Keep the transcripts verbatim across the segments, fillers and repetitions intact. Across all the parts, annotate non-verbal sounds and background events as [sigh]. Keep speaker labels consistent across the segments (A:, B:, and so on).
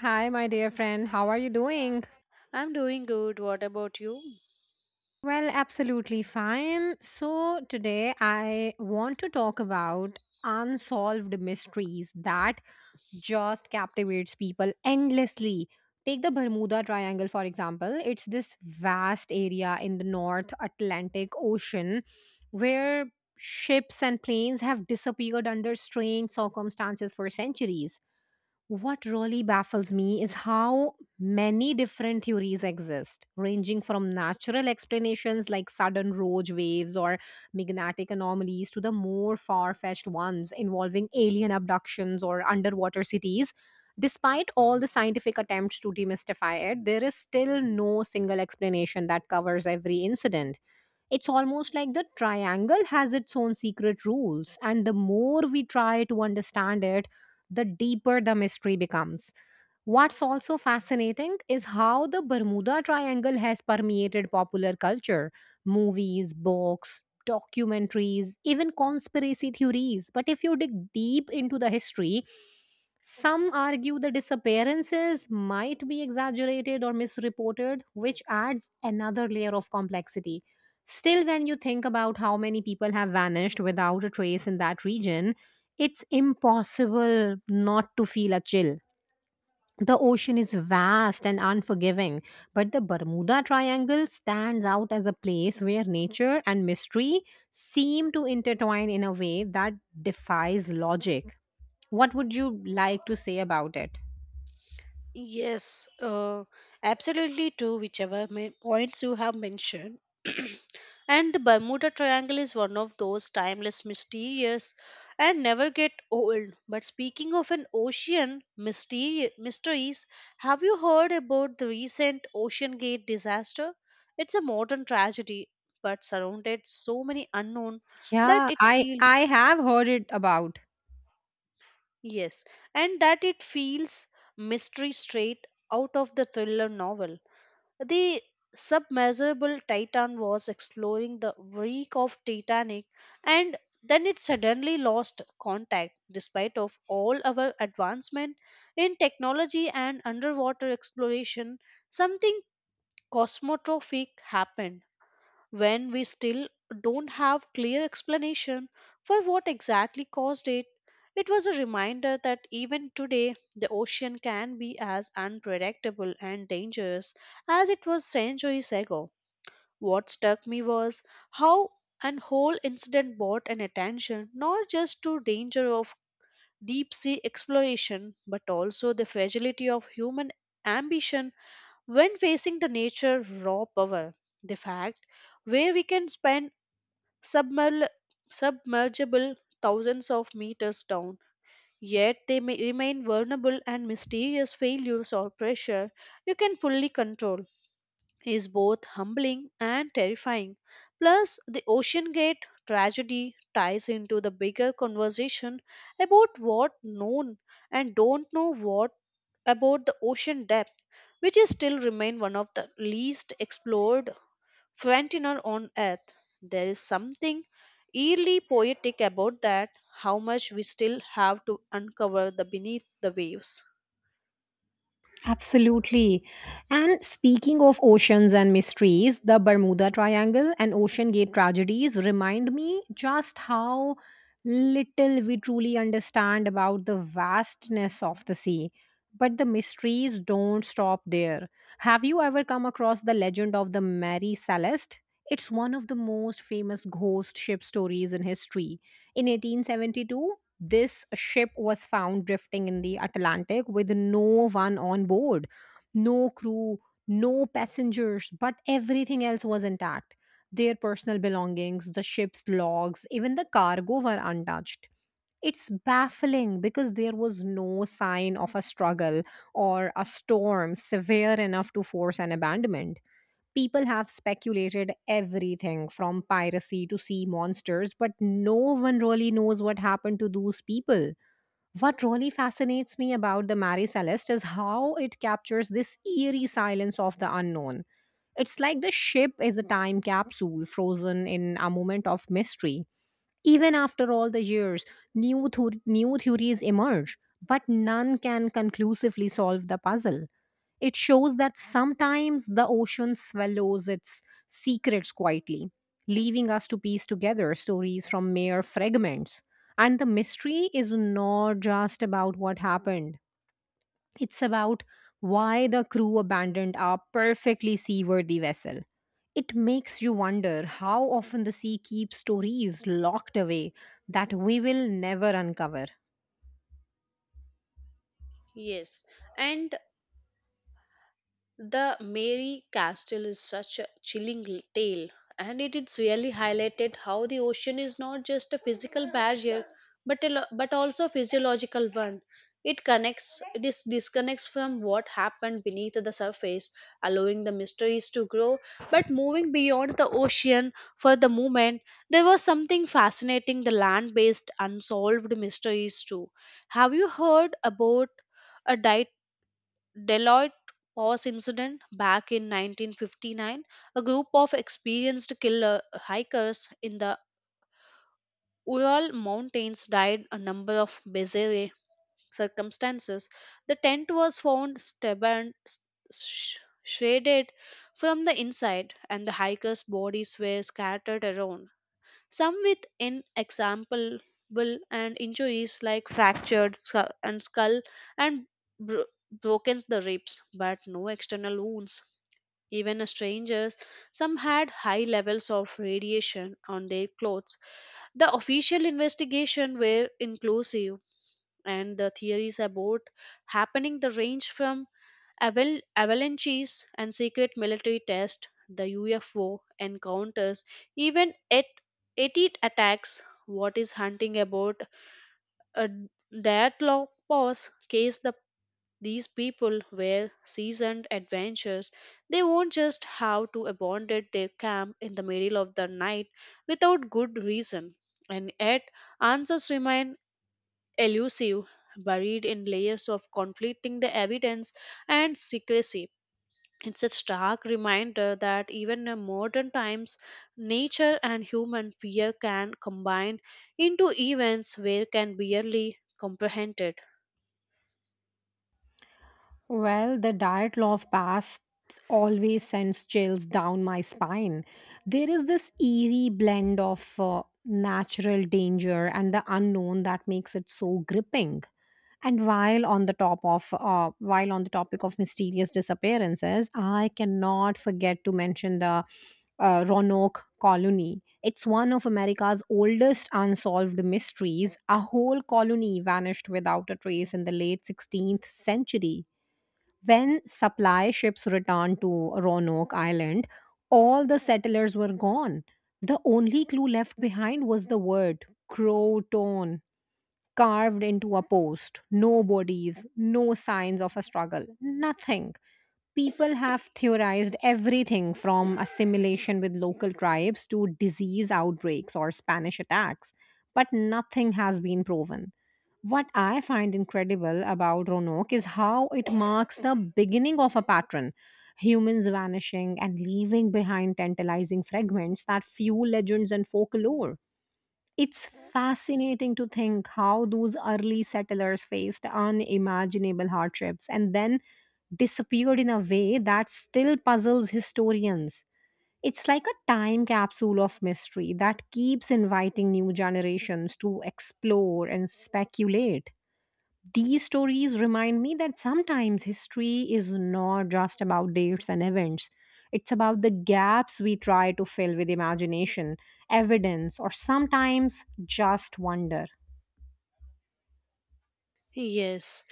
A: Hi, my dear friend. How are you doing?
B: I'm doing good. What about you?
A: Well, absolutely fine. So, today I want to talk about unsolved mysteries that just captivates people endlessly. Take the Bermuda Triangle, for example. It's this vast area in the North Atlantic Ocean where ships and planes have disappeared under strange circumstances for centuries. What really baffles me is how many different theories exist, ranging from natural explanations like sudden rogue waves or magnetic anomalies to the more far fetched ones involving alien abductions or underwater cities. Despite all the scientific attempts to demystify it, there is still no single explanation that covers every incident. It's almost like the triangle has its own secret rules, and the more we try to understand it, the deeper the mystery becomes. What's also fascinating is how the Bermuda Triangle has permeated popular culture, movies, books, documentaries, even conspiracy theories. But if you dig deep into the history, some argue the disappearances might be exaggerated or misreported, which adds another layer of complexity. Still, when you think about how many people have vanished without a trace in that region, it's impossible not to feel a chill. The ocean is vast and unforgiving, but the Bermuda Triangle stands out as a place where nature and mystery seem to intertwine in a way that defies logic. What would you like to say about it?
B: Yes, uh, Absolutely true, whichever ma- points you have mentioned. [clears throat] And the Bermuda Triangle is one of those timeless, mysterious, and never get old. But speaking of an ocean mystery, mysteries, have you heard about the recent Ocean Gate disaster? It's a modern tragedy, but surrounded so many unknown that
A: Yeah,
B: it
A: I
B: feels
A: I have heard it about.
B: Yes, and that it feels mystery straight out of the thriller novel. The submersible Titan was exploring the wreck of Titanic, and then it suddenly lost contact. Despite of all our advancement in technology and underwater exploration, something cosmotrophic happened when we still don't have clear explanation for what exactly caused it. It was a reminder that even today the ocean can be as unpredictable and dangerous as it was centuries ago. What struck me was how an whole incident brought an attention not just to danger of deep sea exploration but also the fragility of human ambition when facing the nature raw power. The fact where we can spend submerl- submergible thousands of meters down. Yet they may remain vulnerable and mysterious failures or pressure you can fully control is both humbling and terrifying. Plus, the Ocean Gate tragedy ties into the bigger conversation about what known and don't know what about the ocean depth, which is still remain one of the least explored Flantinon on Earth. There is something eerily poetic about that, how much we still have to uncover the beneath the waves.
A: Absolutely. And speaking of oceans and mysteries, the Bermuda Triangle and Ocean Gate tragedies remind me just how little we truly understand about the vastness of the sea. But the mysteries don't stop there. Have you ever come across the legend of the Mary Celeste? It's one of the most famous ghost ship stories in history. In eighteen seventy-two, this ship was found drifting in the Atlantic with no one on board, no crew, no passengers, but everything else was intact. Their personal belongings, the ship's logs, even the cargo were untouched. It's baffling because there was no sign of a struggle or a storm severe enough to force an abandonment. People have speculated everything from piracy to sea monsters, but no one really knows what happened to those people. What really fascinates me about the Mary Celeste is how it captures this eerie silence of the unknown. It's like the ship is a time capsule frozen in a moment of mystery. Even after all the years, new, thor- new theories emerge, but none can conclusively solve the puzzle. It shows that sometimes the ocean swallows its secrets quietly, leaving us to piece together stories from mere fragments. And the mystery is not just about what happened, it's about why the crew abandoned our perfectly seaworthy vessel. It makes you wonder how often the sea keeps stories locked away that we will never uncover.
B: Yes, and The Mary Castle is such a chilling l- tale, and it is really highlighted how the ocean is not just a physical barrier, but a, lo- but also a physiological one. It connects, this disconnects from what happened beneath the surface, allowing the mysteries to grow. But moving beyond the ocean for the moment, there was something fascinating: the land-based unsolved mysteries too. Have you heard about a diet? Deloitte Pass incident back in nineteen fifty-nine, a group of experienced killer hikers in the Ural Mountains died a number of bizarre circumstances. The tent was found stubborn, sh- shaded from the inside, and the hikers' bodies were scattered around, some with inexamable and injuries like fractured scu- and skull and bro- broken the ribs but no external wounds. Even as strangers, some had high levels of radiation on their clothes. The official investigation were inclusive, and the theories about happening the range from Aval- avalanches and secret military tests, the U F O encounters, even at eighty attacks. What is hunting about a Dyatlov Pass case, the these people were seasoned adventurers. They won't just have to abandon their camp in the middle of the night without good reason. And yet, answers remain elusive, buried in layers of conflicting the evidence and secrecy. It's a stark reminder that even in modern times, nature and human fear can combine into events where can barely comprehended.
A: Well, the diet law of past always sends chills down my spine. There is this eerie blend of uh, natural danger and the unknown that makes it so gripping. And while on the top of uh, While on the topic of mysterious disappearances, I cannot forget to mention the uh, Roanoke colony. It's one of America's oldest unsolved mysteries. A whole colony vanished without a trace in the late sixteenth century. When supply ships returned to Roanoke Island, all the settlers were gone. The only clue left behind was the word Croton carved into a post. No bodies, no signs of a struggle, nothing. People have theorized everything from assimilation with local tribes to disease outbreaks or Spanish attacks, but nothing has been proven. What I find incredible about Roanoke is how it marks the beginning of a pattern: humans vanishing and leaving behind tantalizing fragments that fuel legends and folklore. It's fascinating to think how those early settlers faced unimaginable hardships and then disappeared in a way that still puzzles historians. It's like a time capsule of mystery that keeps inviting new generations to explore and speculate. These stories remind me that sometimes history is not just about dates and events. It's about the gaps we try to fill with imagination, evidence, or sometimes just wonder.
B: Yes.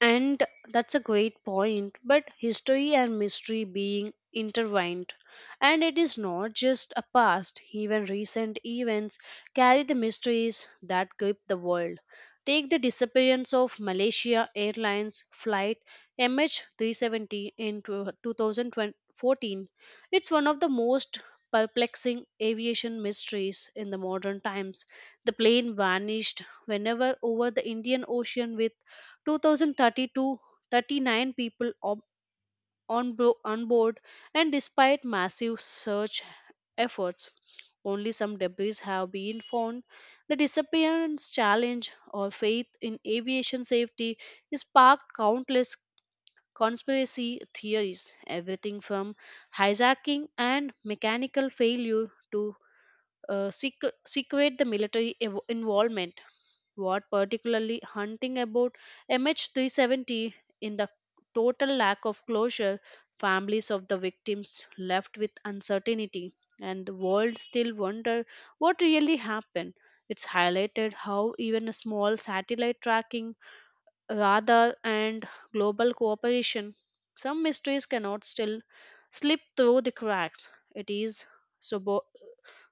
B: And that's a great point, but history and mystery being intertwined. And it is not just a past, even recent events carry the mysteries that grip the world. Take the disappearance of Malaysia Airlines flight M H three seventy in tw- twenty fourteen. It's one of the most perplexing aviation mysteries in the modern times. The plane vanished whenever over the Indian Ocean with two thousand thirty-two thirty-nine people ob- on, bo- on board, and despite massive search efforts, only some debris have been found. The disappearance challenge or faith in aviation safety is sparked countless conspiracy theories, everything from hijacking and mechanical failure to uh, sequ- sequate the military ev- involvement. What particularly hunting about M H three seventy in the total lack of closure, families of the victims left with uncertainty, and the world still wonder what really happened. It's highlighted how even a small satellite tracking radar and global cooperation, some mysteries cannot still slip through the cracks. It is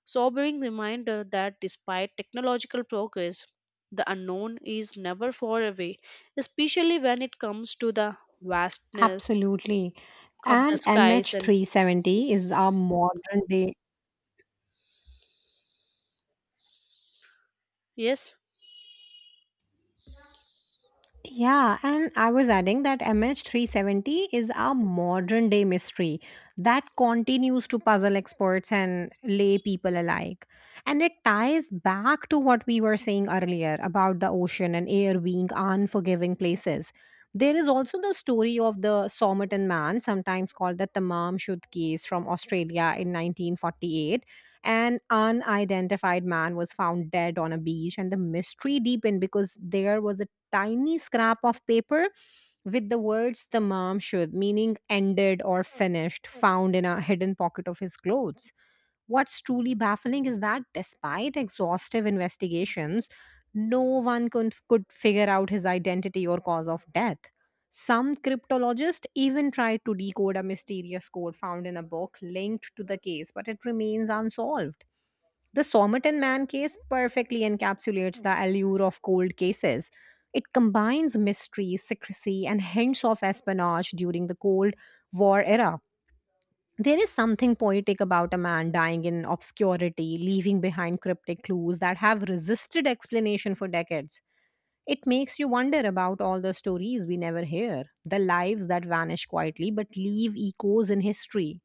B: sobering reminder that despite technological progress, the unknown is never far away, especially when it comes to the vastness
A: Absolutely.
B: of the
A: And
B: skies
A: MH370
B: and
A: is our modern day
B: yes.
A: Yeah, and I was adding that M H three seventy is a modern day mystery that continues to puzzle experts and lay people alike. And it ties back to what we were saying earlier about the ocean and air being unforgiving places. There is also the story of the Somerton man, sometimes called the Tamam Shud case from Australia in nineteen forty-eight. An unidentified man was found dead on a beach, and the mystery deepened because there was tiny scrap of paper with the words the mom should, meaning ended or finished, found in a hidden pocket of his clothes. What's truly baffling is that despite exhaustive investigations, no one could, could figure out his identity or cause of death. Some cryptologists even tried to decode a mysterious code found in a book linked to the case, but it remains unsolved. The Somerton Man case perfectly encapsulates the allure of cold cases. It combines mystery, secrecy, and hints of espionage during the Cold War era. There is something poetic about a man dying in obscurity, leaving behind cryptic clues that have resisted explanation for decades. It makes you wonder about all the stories we never hear, the lives that vanish quietly but leave echoes in history.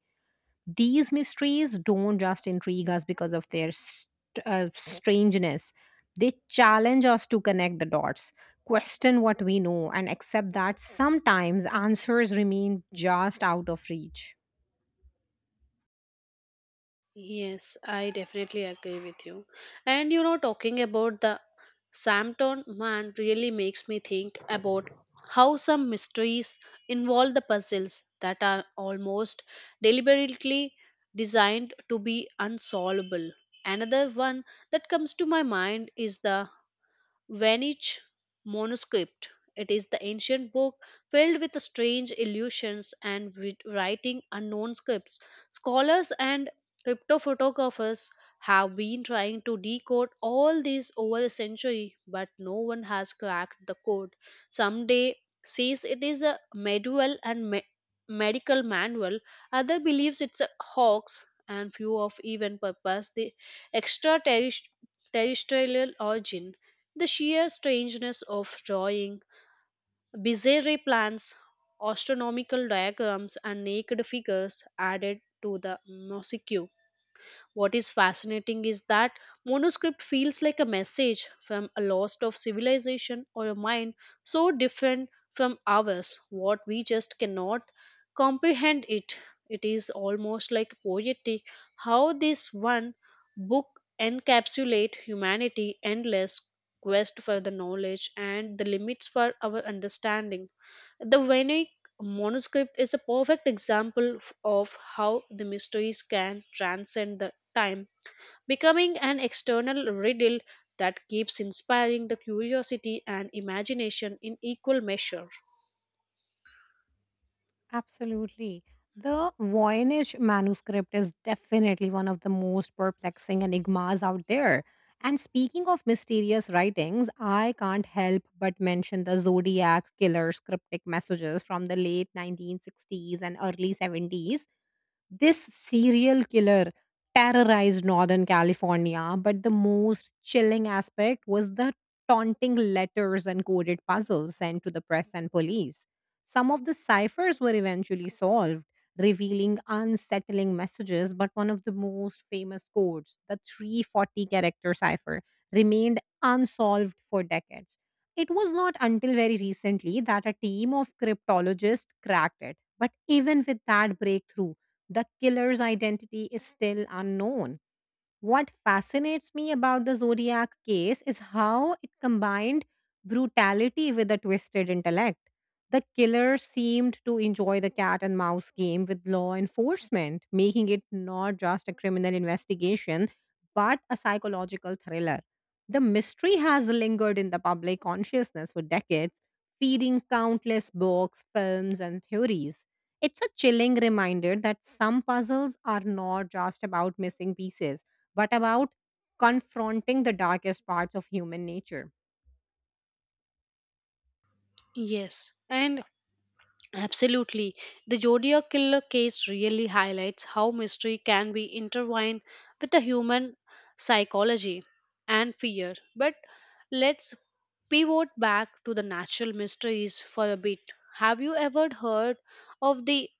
A: These mysteries don't just intrigue us because of their st- uh, strangeness, they challenge us to connect the dots, question what we know, and accept that sometimes answers remain just out of reach.
B: Yes, I definitely agree with you. And you know, talking about the Samton man really makes me think about how some mysteries involve the puzzles that are almost deliberately designed to be unsolvable. Another one that comes to my mind is the Vanich manuscript. It is the ancient book filled with strange illusions and with writing unknown scripts. Scholars and cryptophotographers have been trying to decode all these over a century, but no one has cracked the code. Someday says it is a medieval and me- medical manual, other believes it's a hoax, and few of even purpose the extraterrestri- terrestrial origin. The sheer strangeness of drawing bizarre plans, astronomical diagrams, and naked figures added to the mosaic. What is fascinating is that manuscript feels like a message from a lost of civilization or a mind so different from ours, what we just cannot comprehend it. It is almost like poetic how this one book encapsulate humanity endless quest for the knowledge and the limits for our understanding. The Vedic Monoscript is a perfect example f- of how the mysteries can transcend the time, becoming an external riddle that keeps inspiring the curiosity and imagination in equal measure.
A: Absolutely. The Voynich manuscript is definitely one of the most perplexing enigmas out there. And speaking of mysterious writings, I can't help but mention the Zodiac killer's cryptic messages from the late nineteen sixties and early seventies. This serial killer terrorized Northern California, but the most chilling aspect was the taunting letters and coded puzzles sent to the press and police. Some of the ciphers were eventually solved, revealing unsettling messages, but one of the most famous codes, the three forty character cipher, remained unsolved for decades. It was not until very recently that a team of cryptologists cracked it. But even with that breakthrough, the killer's identity is still unknown. What fascinates me about the Zodiac case is how it combined brutality with a twisted intellect. The killer seemed to enjoy the cat and mouse game with law enforcement, making it not just a criminal investigation, but a psychological thriller. The mystery has lingered in the public consciousness for decades, feeding countless books, films, and theories. It's a chilling reminder that some puzzles are not just about missing pieces but about confronting the darkest parts of human nature.
B: Yes, and absolutely. The Zodiac Killer case really highlights how mystery can be intertwined with the human psychology and fear. But let's pivot back to the natural mysteries for a bit. Have you ever heard of the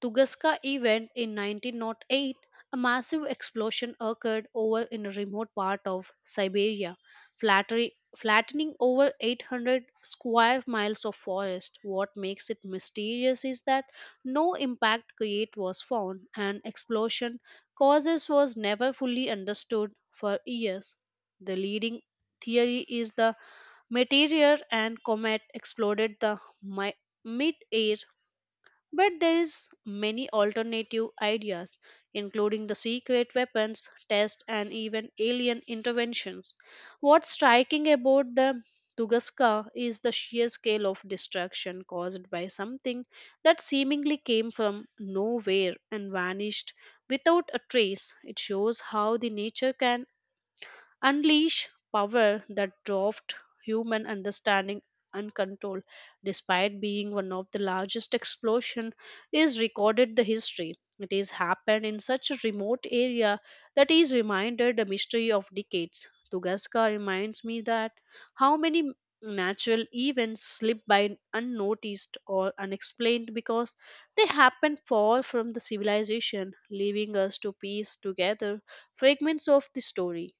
B: Tunguska event in nineteen oh eight, a massive explosion occurred over in a remote part of Siberia, flattering, flattening over eight hundred square miles of forest. What makes it mysterious is that no impact crater was found, and explosion causes was never fully understood for years. The leading theory is the meteor and comet exploded the mi- mid-air, but there is many alternative ideas, including the secret weapons test and even alien interventions. What's striking about the Tunguska is the sheer scale of destruction caused by something that seemingly came from nowhere and vanished without a trace. It shows how the nature can unleash power that dwarfed human understanding and control. Despite being one of the largest explosion is recorded the history, it is happened in such a remote area that is reminded a mystery of decades. Tugaska reminds me that how many natural events slip by unnoticed or unexplained because they happen far from the civilization, leaving us to piece together fragments of the story.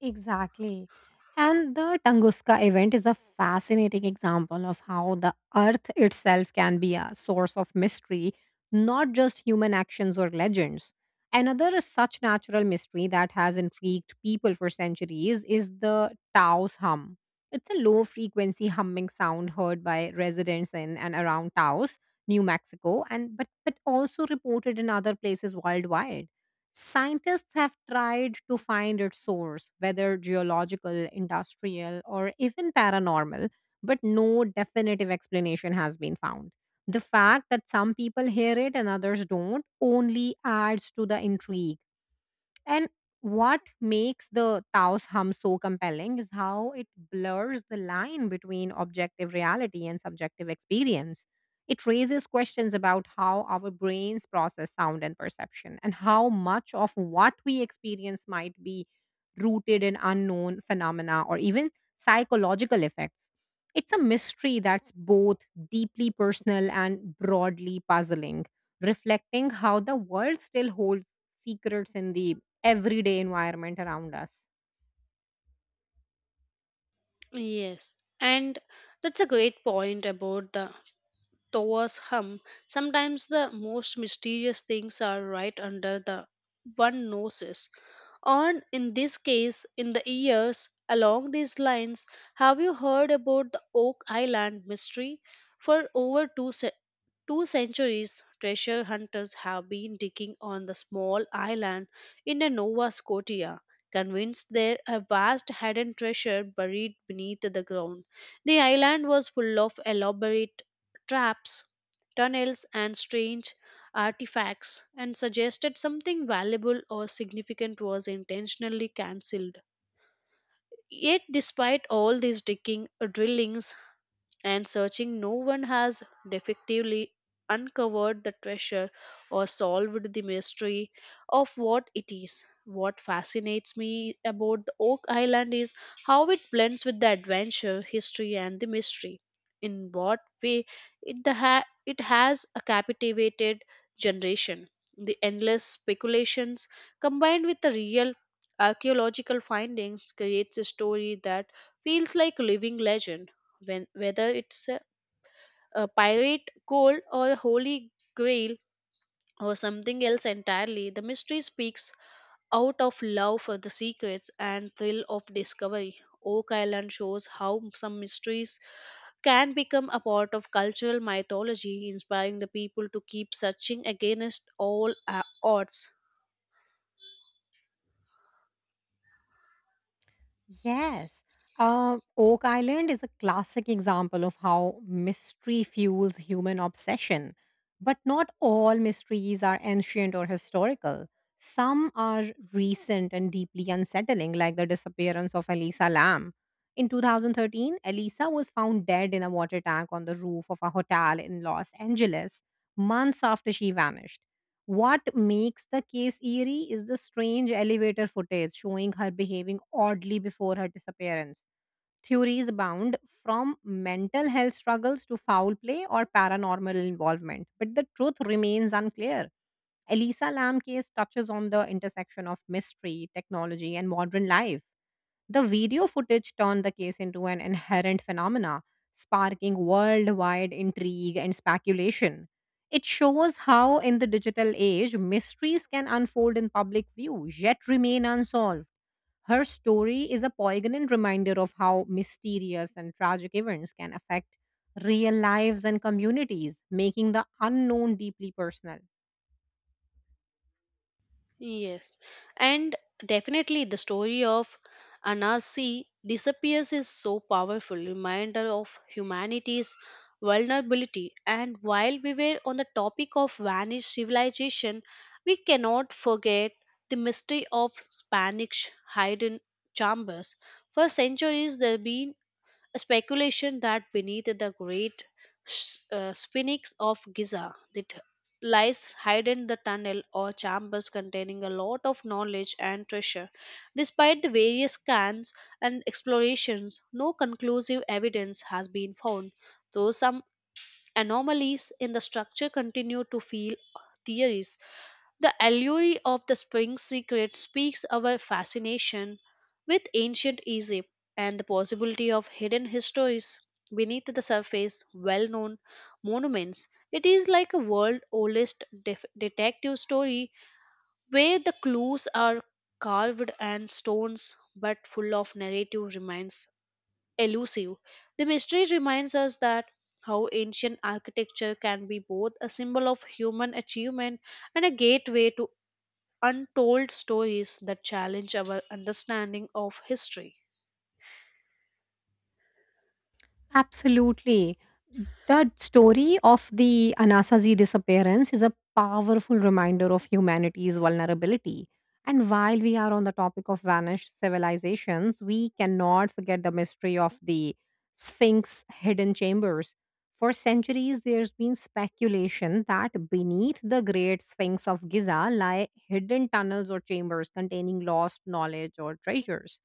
A: Exactly. And the Tunguska event is a fascinating example of how the earth itself can be a source of mystery, not just human actions or legends. Another such natural mystery that has intrigued people for centuries is the Taos hum. It's a low frequency humming sound heard by residents in and around Taos, New Mexico, and but, but also reported in other places worldwide. Scientists have tried to find its source, whether geological, industrial, or even paranormal, but no definitive explanation has been found. The fact that some people hear it and others don't only adds to the intrigue. And what makes the Taos hum so compelling is how it blurs the line between objective reality and subjective experience. It raises questions about how our brains process sound and perception, and how much of what we experience might be rooted in unknown phenomena or even psychological effects. It's a mystery that's both deeply personal and broadly puzzling, reflecting how the world still holds secrets in the everyday environment around us.
B: Yes, and that's a great point about the Tower's hum. Sometimes the most mysterious things are right under the one noses. Or in this case, in the years along these lines, have you heard about the Oak Island mystery? For over two centuries, two centuries, treasure hunters have been digging on the small island in the Nova Scotia, convinced there a vast hidden treasure buried beneath the ground. The island was full of elaborate traps, tunnels, and strange artifacts, and suggested something valuable or significant was intentionally cancelled. Yet, despite all these digging, drillings, and searching, no one has definitively uncovered the treasure or solved the mystery of what it is. What fascinates me about the oak island is how it blends with the adventure history and the mystery in what way it, the ha- it has a captivated generation. The endless speculations combined with the real archaeological findings creates a story that feels like a living legend, when whether it's a, a pirate gold or a holy grail or something else entirely, the mystery speaks out of love for the secrets and thrill of discovery. Oak island shows how some mysteries can become a part of cultural mythology, inspiring the people to keep searching against all uh, odds.
A: Yes. Uh, Oak Island is a classic example of how mystery fuels human obsession. But not all mysteries are ancient or historical. Some are recent and deeply unsettling, like the disappearance of Elisa Lam. In twenty thirteen, Elisa was found dead in a water tank on the roof of a hotel in Los Angeles months after she vanished. What makes the case eerie is the strange elevator footage showing her behaving oddly before her disappearance. Theories abound from mental health struggles to foul play or paranormal involvement, but the truth remains unclear. Elisa Lam case touches on the intersection of mystery, technology, and modern life. The video footage turned the case into an inherent phenomena, sparking worldwide intrigue and speculation. It shows how, in the digital age, mysteries can unfold in public view yet remain unsolved. Her story is a poignant reminder of how mysterious and tragic events can affect real lives and communities, making the unknown deeply personal.
B: Yes, and definitely the story of Anasi disappears is so powerful reminder of humanity's vulnerability. And while we were on the topic of vanished civilization, we cannot forget the mystery of Spanish hidden chambers. For centuries, there have been speculation that beneath the great s- uh, sphinx of Giza that lies hidden the tunnel or chambers containing a lot of knowledge and treasure. Despite the various scans and explorations, no conclusive evidence has been found, though some anomalies in the structure continue to fuel theories. The allure of the Sphinx secret speaks our fascination with ancient Egypt and the possibility of hidden histories beneath the surface, well known monuments. It is like a world oldest def- detective story where the clues are carved and stones, but full of narrative remains elusive. The mystery reminds us that how ancient architecture can be both a symbol of human achievement and a gateway to untold stories that challenge our understanding of history.
A: Absolutely. The story of the Anasazi disappearance is a powerful reminder of humanity's vulnerability. And while we are on the topic of vanished civilizations, we cannot forget the mystery of the Sphinx hidden chambers. For centuries, there's been speculation that beneath the great Sphinx of Giza lie hidden tunnels or chambers containing lost knowledge or treasures.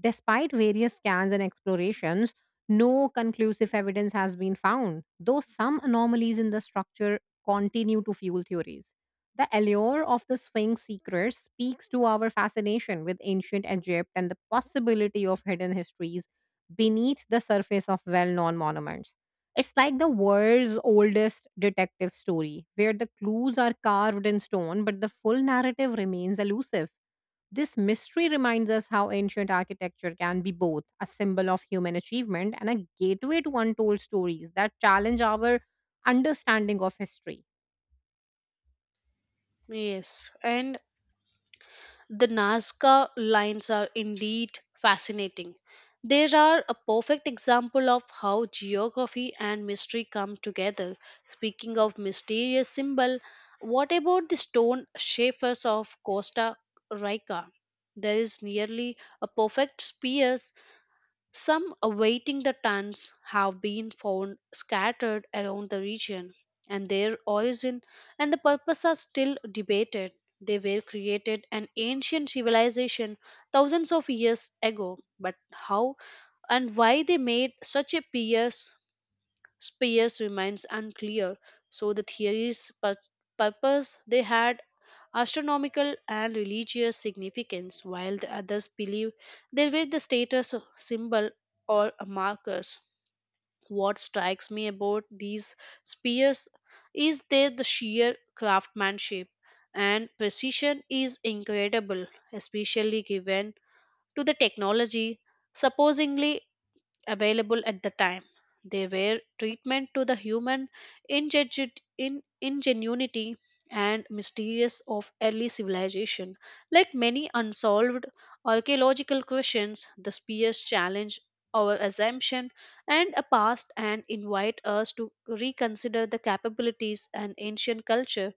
A: Despite various scans and explorations, no conclusive evidence has been found, though some anomalies in the structure continue to fuel theories. The allure of the Sphinx secrets speaks to our fascination with ancient Egypt and the possibility of hidden histories beneath the surface of well known monuments. It's like the world's oldest detective story, where the clues are carved in stone, but the full narrative remains elusive. This mystery reminds us how ancient architecture can be both a symbol of human achievement and a gateway to untold stories that challenge our understanding of history.
B: Yes, and the Nazca lines are indeed fascinating. They are a perfect example of how geography and mystery come together. Speaking of mysterious symbol, what about the stone shapers of Costa Rica? There is nearly a perfect spears. Some awaiting the tons have been found scattered around the region, and their origin and the purpose are still debated. They were created an ancient civilization thousands of years ago, but how and why they made such a pierce Spears remains unclear, so the theory's pur- purpose they had astronomical and religious significance, while the others believe they were the status symbol or markers. What strikes me about these spears is their the sheer craftsmanship and precision is incredible, especially given to the technology supposedly available at the time. They were treatment to the human ingenu- in- ingenuity and mysterious of early civilization. Like many unsolved archaeological questions, the spears challenge our assumption and a past and invite us to reconsider the capabilities and ancient culture.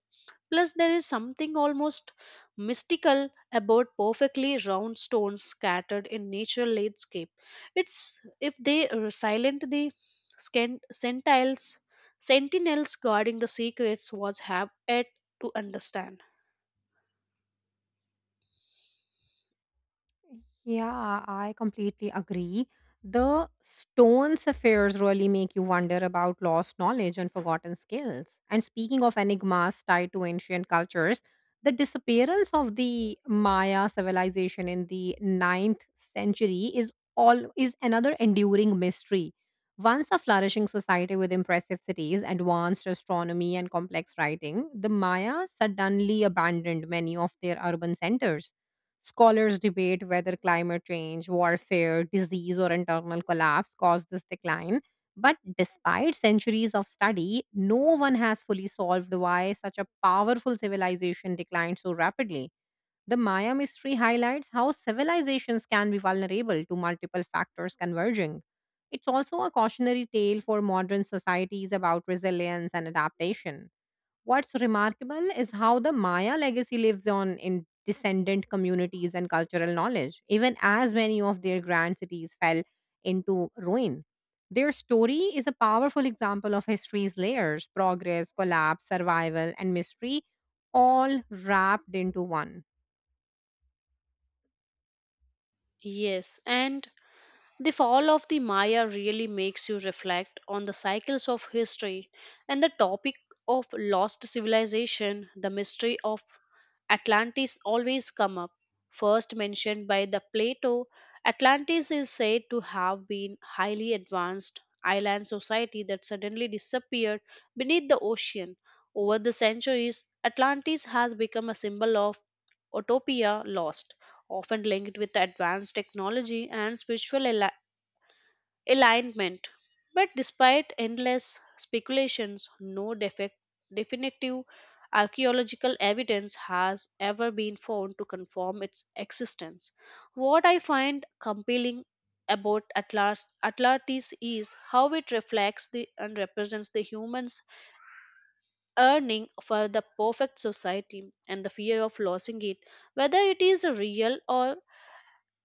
B: Plus, there is something almost mystical about perfectly round stones scattered in natural landscape. It's if they are silent the scan- sentinels, sentinels guarding the secrets was have yet to understand.
A: Yeah, I completely agree. The stones' affairs really make you wonder about lost knowledge and forgotten skills. And speaking of enigmas tied to ancient cultures, the disappearance of the Maya civilization in the ninth century is all is another enduring mystery. Once a flourishing society with impressive cities, advanced astronomy, and complex writing, the Maya suddenly abandoned many of their urban centers. Scholars debate whether climate change, warfare, disease, or internal collapse caused this decline. But despite centuries of study, no one has fully solved why such a powerful civilization declined so rapidly. The Maya mystery highlights how civilizations can be vulnerable to multiple factors converging. It's also a cautionary tale for modern societies about resilience and adaptation. What's remarkable is how the Maya legacy lives on in descendant communities and cultural knowledge, even as many of their grand cities fell into ruin. Their story is a powerful example of history's layers: progress, collapse, survival, and mystery, all wrapped into one.
B: Yes, and the fall of the Maya really makes you reflect on the cycles of history, and the topic of lost civilization, the mystery of Atlantis always come up. First mentioned by the Plato, Atlantis is said to have been highly advanced island society that suddenly disappeared beneath the ocean. Over the centuries, Atlantis has become a symbol of utopia lost, often linked with advanced technology and spiritual alignment. But despite endless speculations, no defect, definitive archaeological evidence has ever been found to confirm its existence. What I find compelling about Atlas, Atlantis is how it reflects the and represents the humans yearning for the perfect society and the fear of losing it, whether it is a real or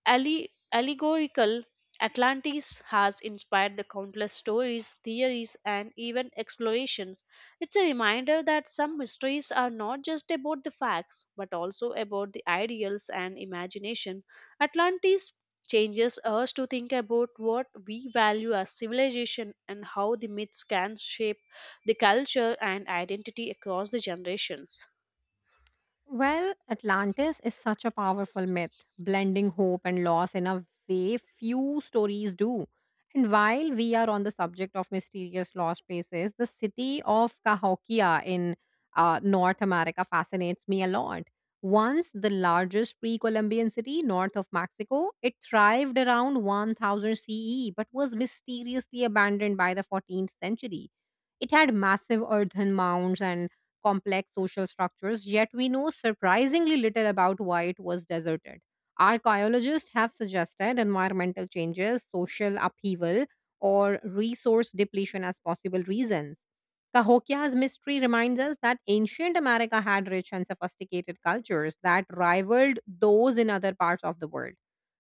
B: Alle- allegorical. Atlantis has inspired the countless stories, theories, and even explorations. It's a reminder that some mysteries are not just about the facts, but also about the ideals and imagination. Atlantis changes us to think about what we value as civilization and how the myths can shape the culture and identity across the generations.
A: Well, Atlantis is such a powerful myth, blending hope and loss in a way few stories do. And while we are on the subject of mysterious lost places, the city of Cahokia in uh, North America fascinates me a lot. Once the largest pre Columbian city north of Mexico, it thrived around one thousand C E but was mysteriously abandoned by the fourteenth century. It had massive earthen mounds and complex social structures, yet we know surprisingly little about why it was deserted. Archaeologists have suggested environmental changes, social upheaval, or resource depletion as possible reasons. Cahokia's mystery reminds us that ancient America had rich and sophisticated cultures that rivaled those in other parts of the world.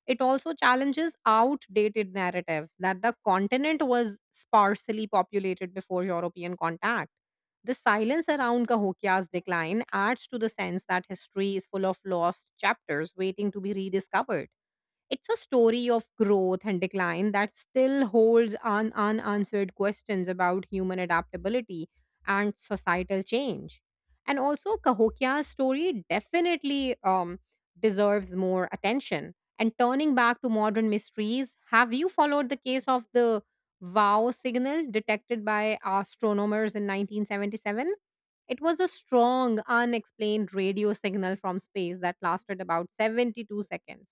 A: It also challenges outdated narratives that the continent was sparsely populated before European contact. The silence around Cahokia's decline adds to the sense that history is full of lost chapters waiting to be rediscovered. It's a story of growth and decline that still holds un- unanswered questions about human adaptability and societal change. And also, Cahokia's story definitely um, deserves more attention. And turning back to modern mysteries, have you followed the case of the Wow signal detected by astronomers in nineteen seventy-seven? It was a strong, unexplained radio signal from space that lasted about seventy-two seconds.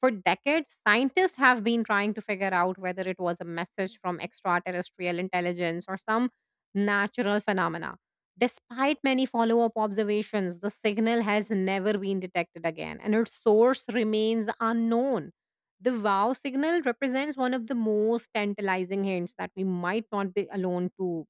A: For decades, scientists have been trying to figure out whether it was a message from extraterrestrial intelligence or some natural phenomena. Despite many follow up observations, the signal has never been detected again, and its source remains unknown. The Wow signal represents one of the most tantalizing hints that we might not be alone to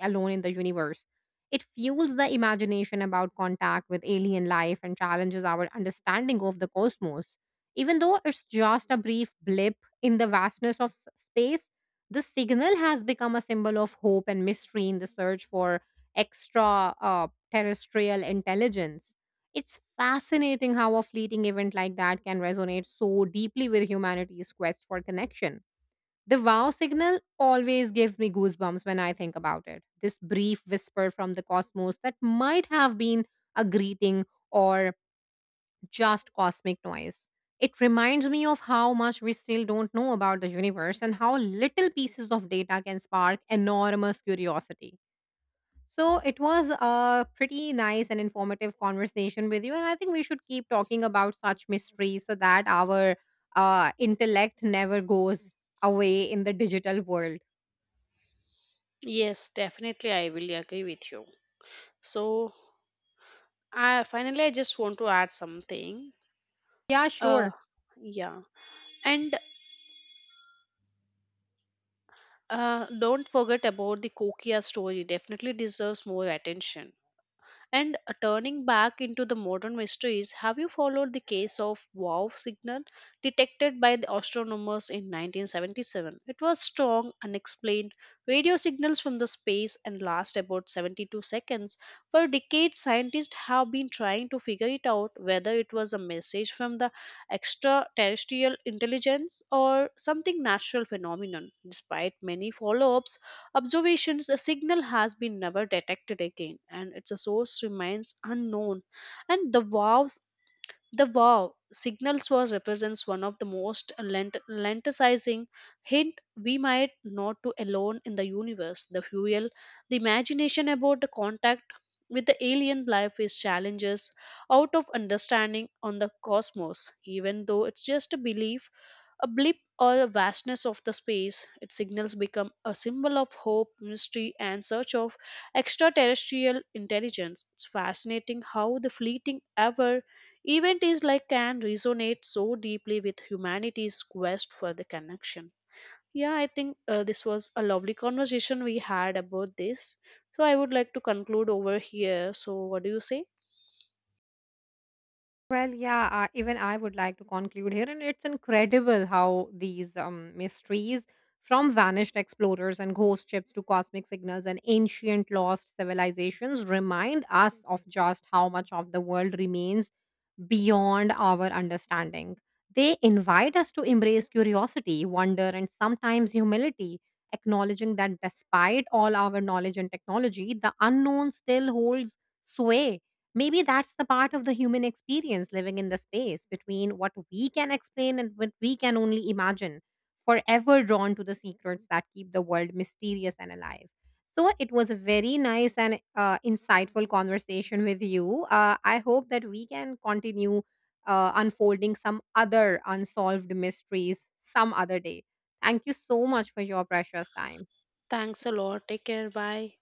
A: alone in the universe. It fuels the imagination about contact with alien life and challenges our understanding of the cosmos, even though it's just a brief blip in the vastness of s- space. The signal has become a symbol of hope and mystery in the search for extra uh, terrestrial intelligence. It's fascinating how a fleeting event like that can resonate so deeply with humanity's quest for connection. The Wow signal always gives me goosebumps when I think about it. This brief whisper from the cosmos that might have been a greeting or just cosmic noise. It reminds me of how much we still don't know about the universe and how little pieces of data can spark enormous curiosity. So, it was a pretty nice and informative conversation with you, and I think we should keep talking about such mysteries so that our uh, intellect never goes away in the digital world.
B: Yes, definitely, I will agree with you. So, I finally I just want to add something.
A: Yeah,
B: Uh
A: sure.
B: yeah. And uh don't forget about the Kokia story. Definitely deserves more attention. And uh, turning back into the modern mysteries, have you followed the case of WOW signal detected by the astronomers in nineteen seventy-seven? It was strong, unexplained radio signals from the space and last about seventy-two seconds. For decades, scientists have been trying to figure it out whether it was a message from the extraterrestrial intelligence or something natural phenomenon. Despite many follow ups, observations, a signal has been never detected again, and its source remains unknown. And the wow the wow signals was represents one of the most lent- lenticizing hint we might not to alone in the universe. The fuel, the imagination about the contact with the alien life is challenges out of understanding on the cosmos. Even though it's just a belief, a blip or a vastness of the space, its signals become a symbol of hope, mystery, and search of extraterrestrial intelligence. It's fascinating how the fleeting ever Event is like can resonate so deeply with humanity's quest for the connection. Yeah, I think uh, this was a lovely conversation we had about this. So I would like to conclude over here. So what do you say?
A: Well, yeah, uh, even I would like to conclude here, and it's incredible how these um, mysteries from vanished explorers and ghost ships to cosmic signals and ancient lost civilizations remind us of just how much of the world remains beyond our understanding. They invite us to embrace curiosity, wonder, and sometimes humility, acknowledging that despite all our knowledge and technology, the unknown still holds sway. Maybe that's the part of the human experience, living in the space between what we can explain and what we can only imagine, forever drawn to the secrets that keep the world mysterious and alive. So it was a very nice and uh, insightful conversation with you. Uh, I hope that we can continue uh, unfolding some other unsolved mysteries some other day. Thank you so much for your precious time.
B: Thanks a lot. Take care. Bye.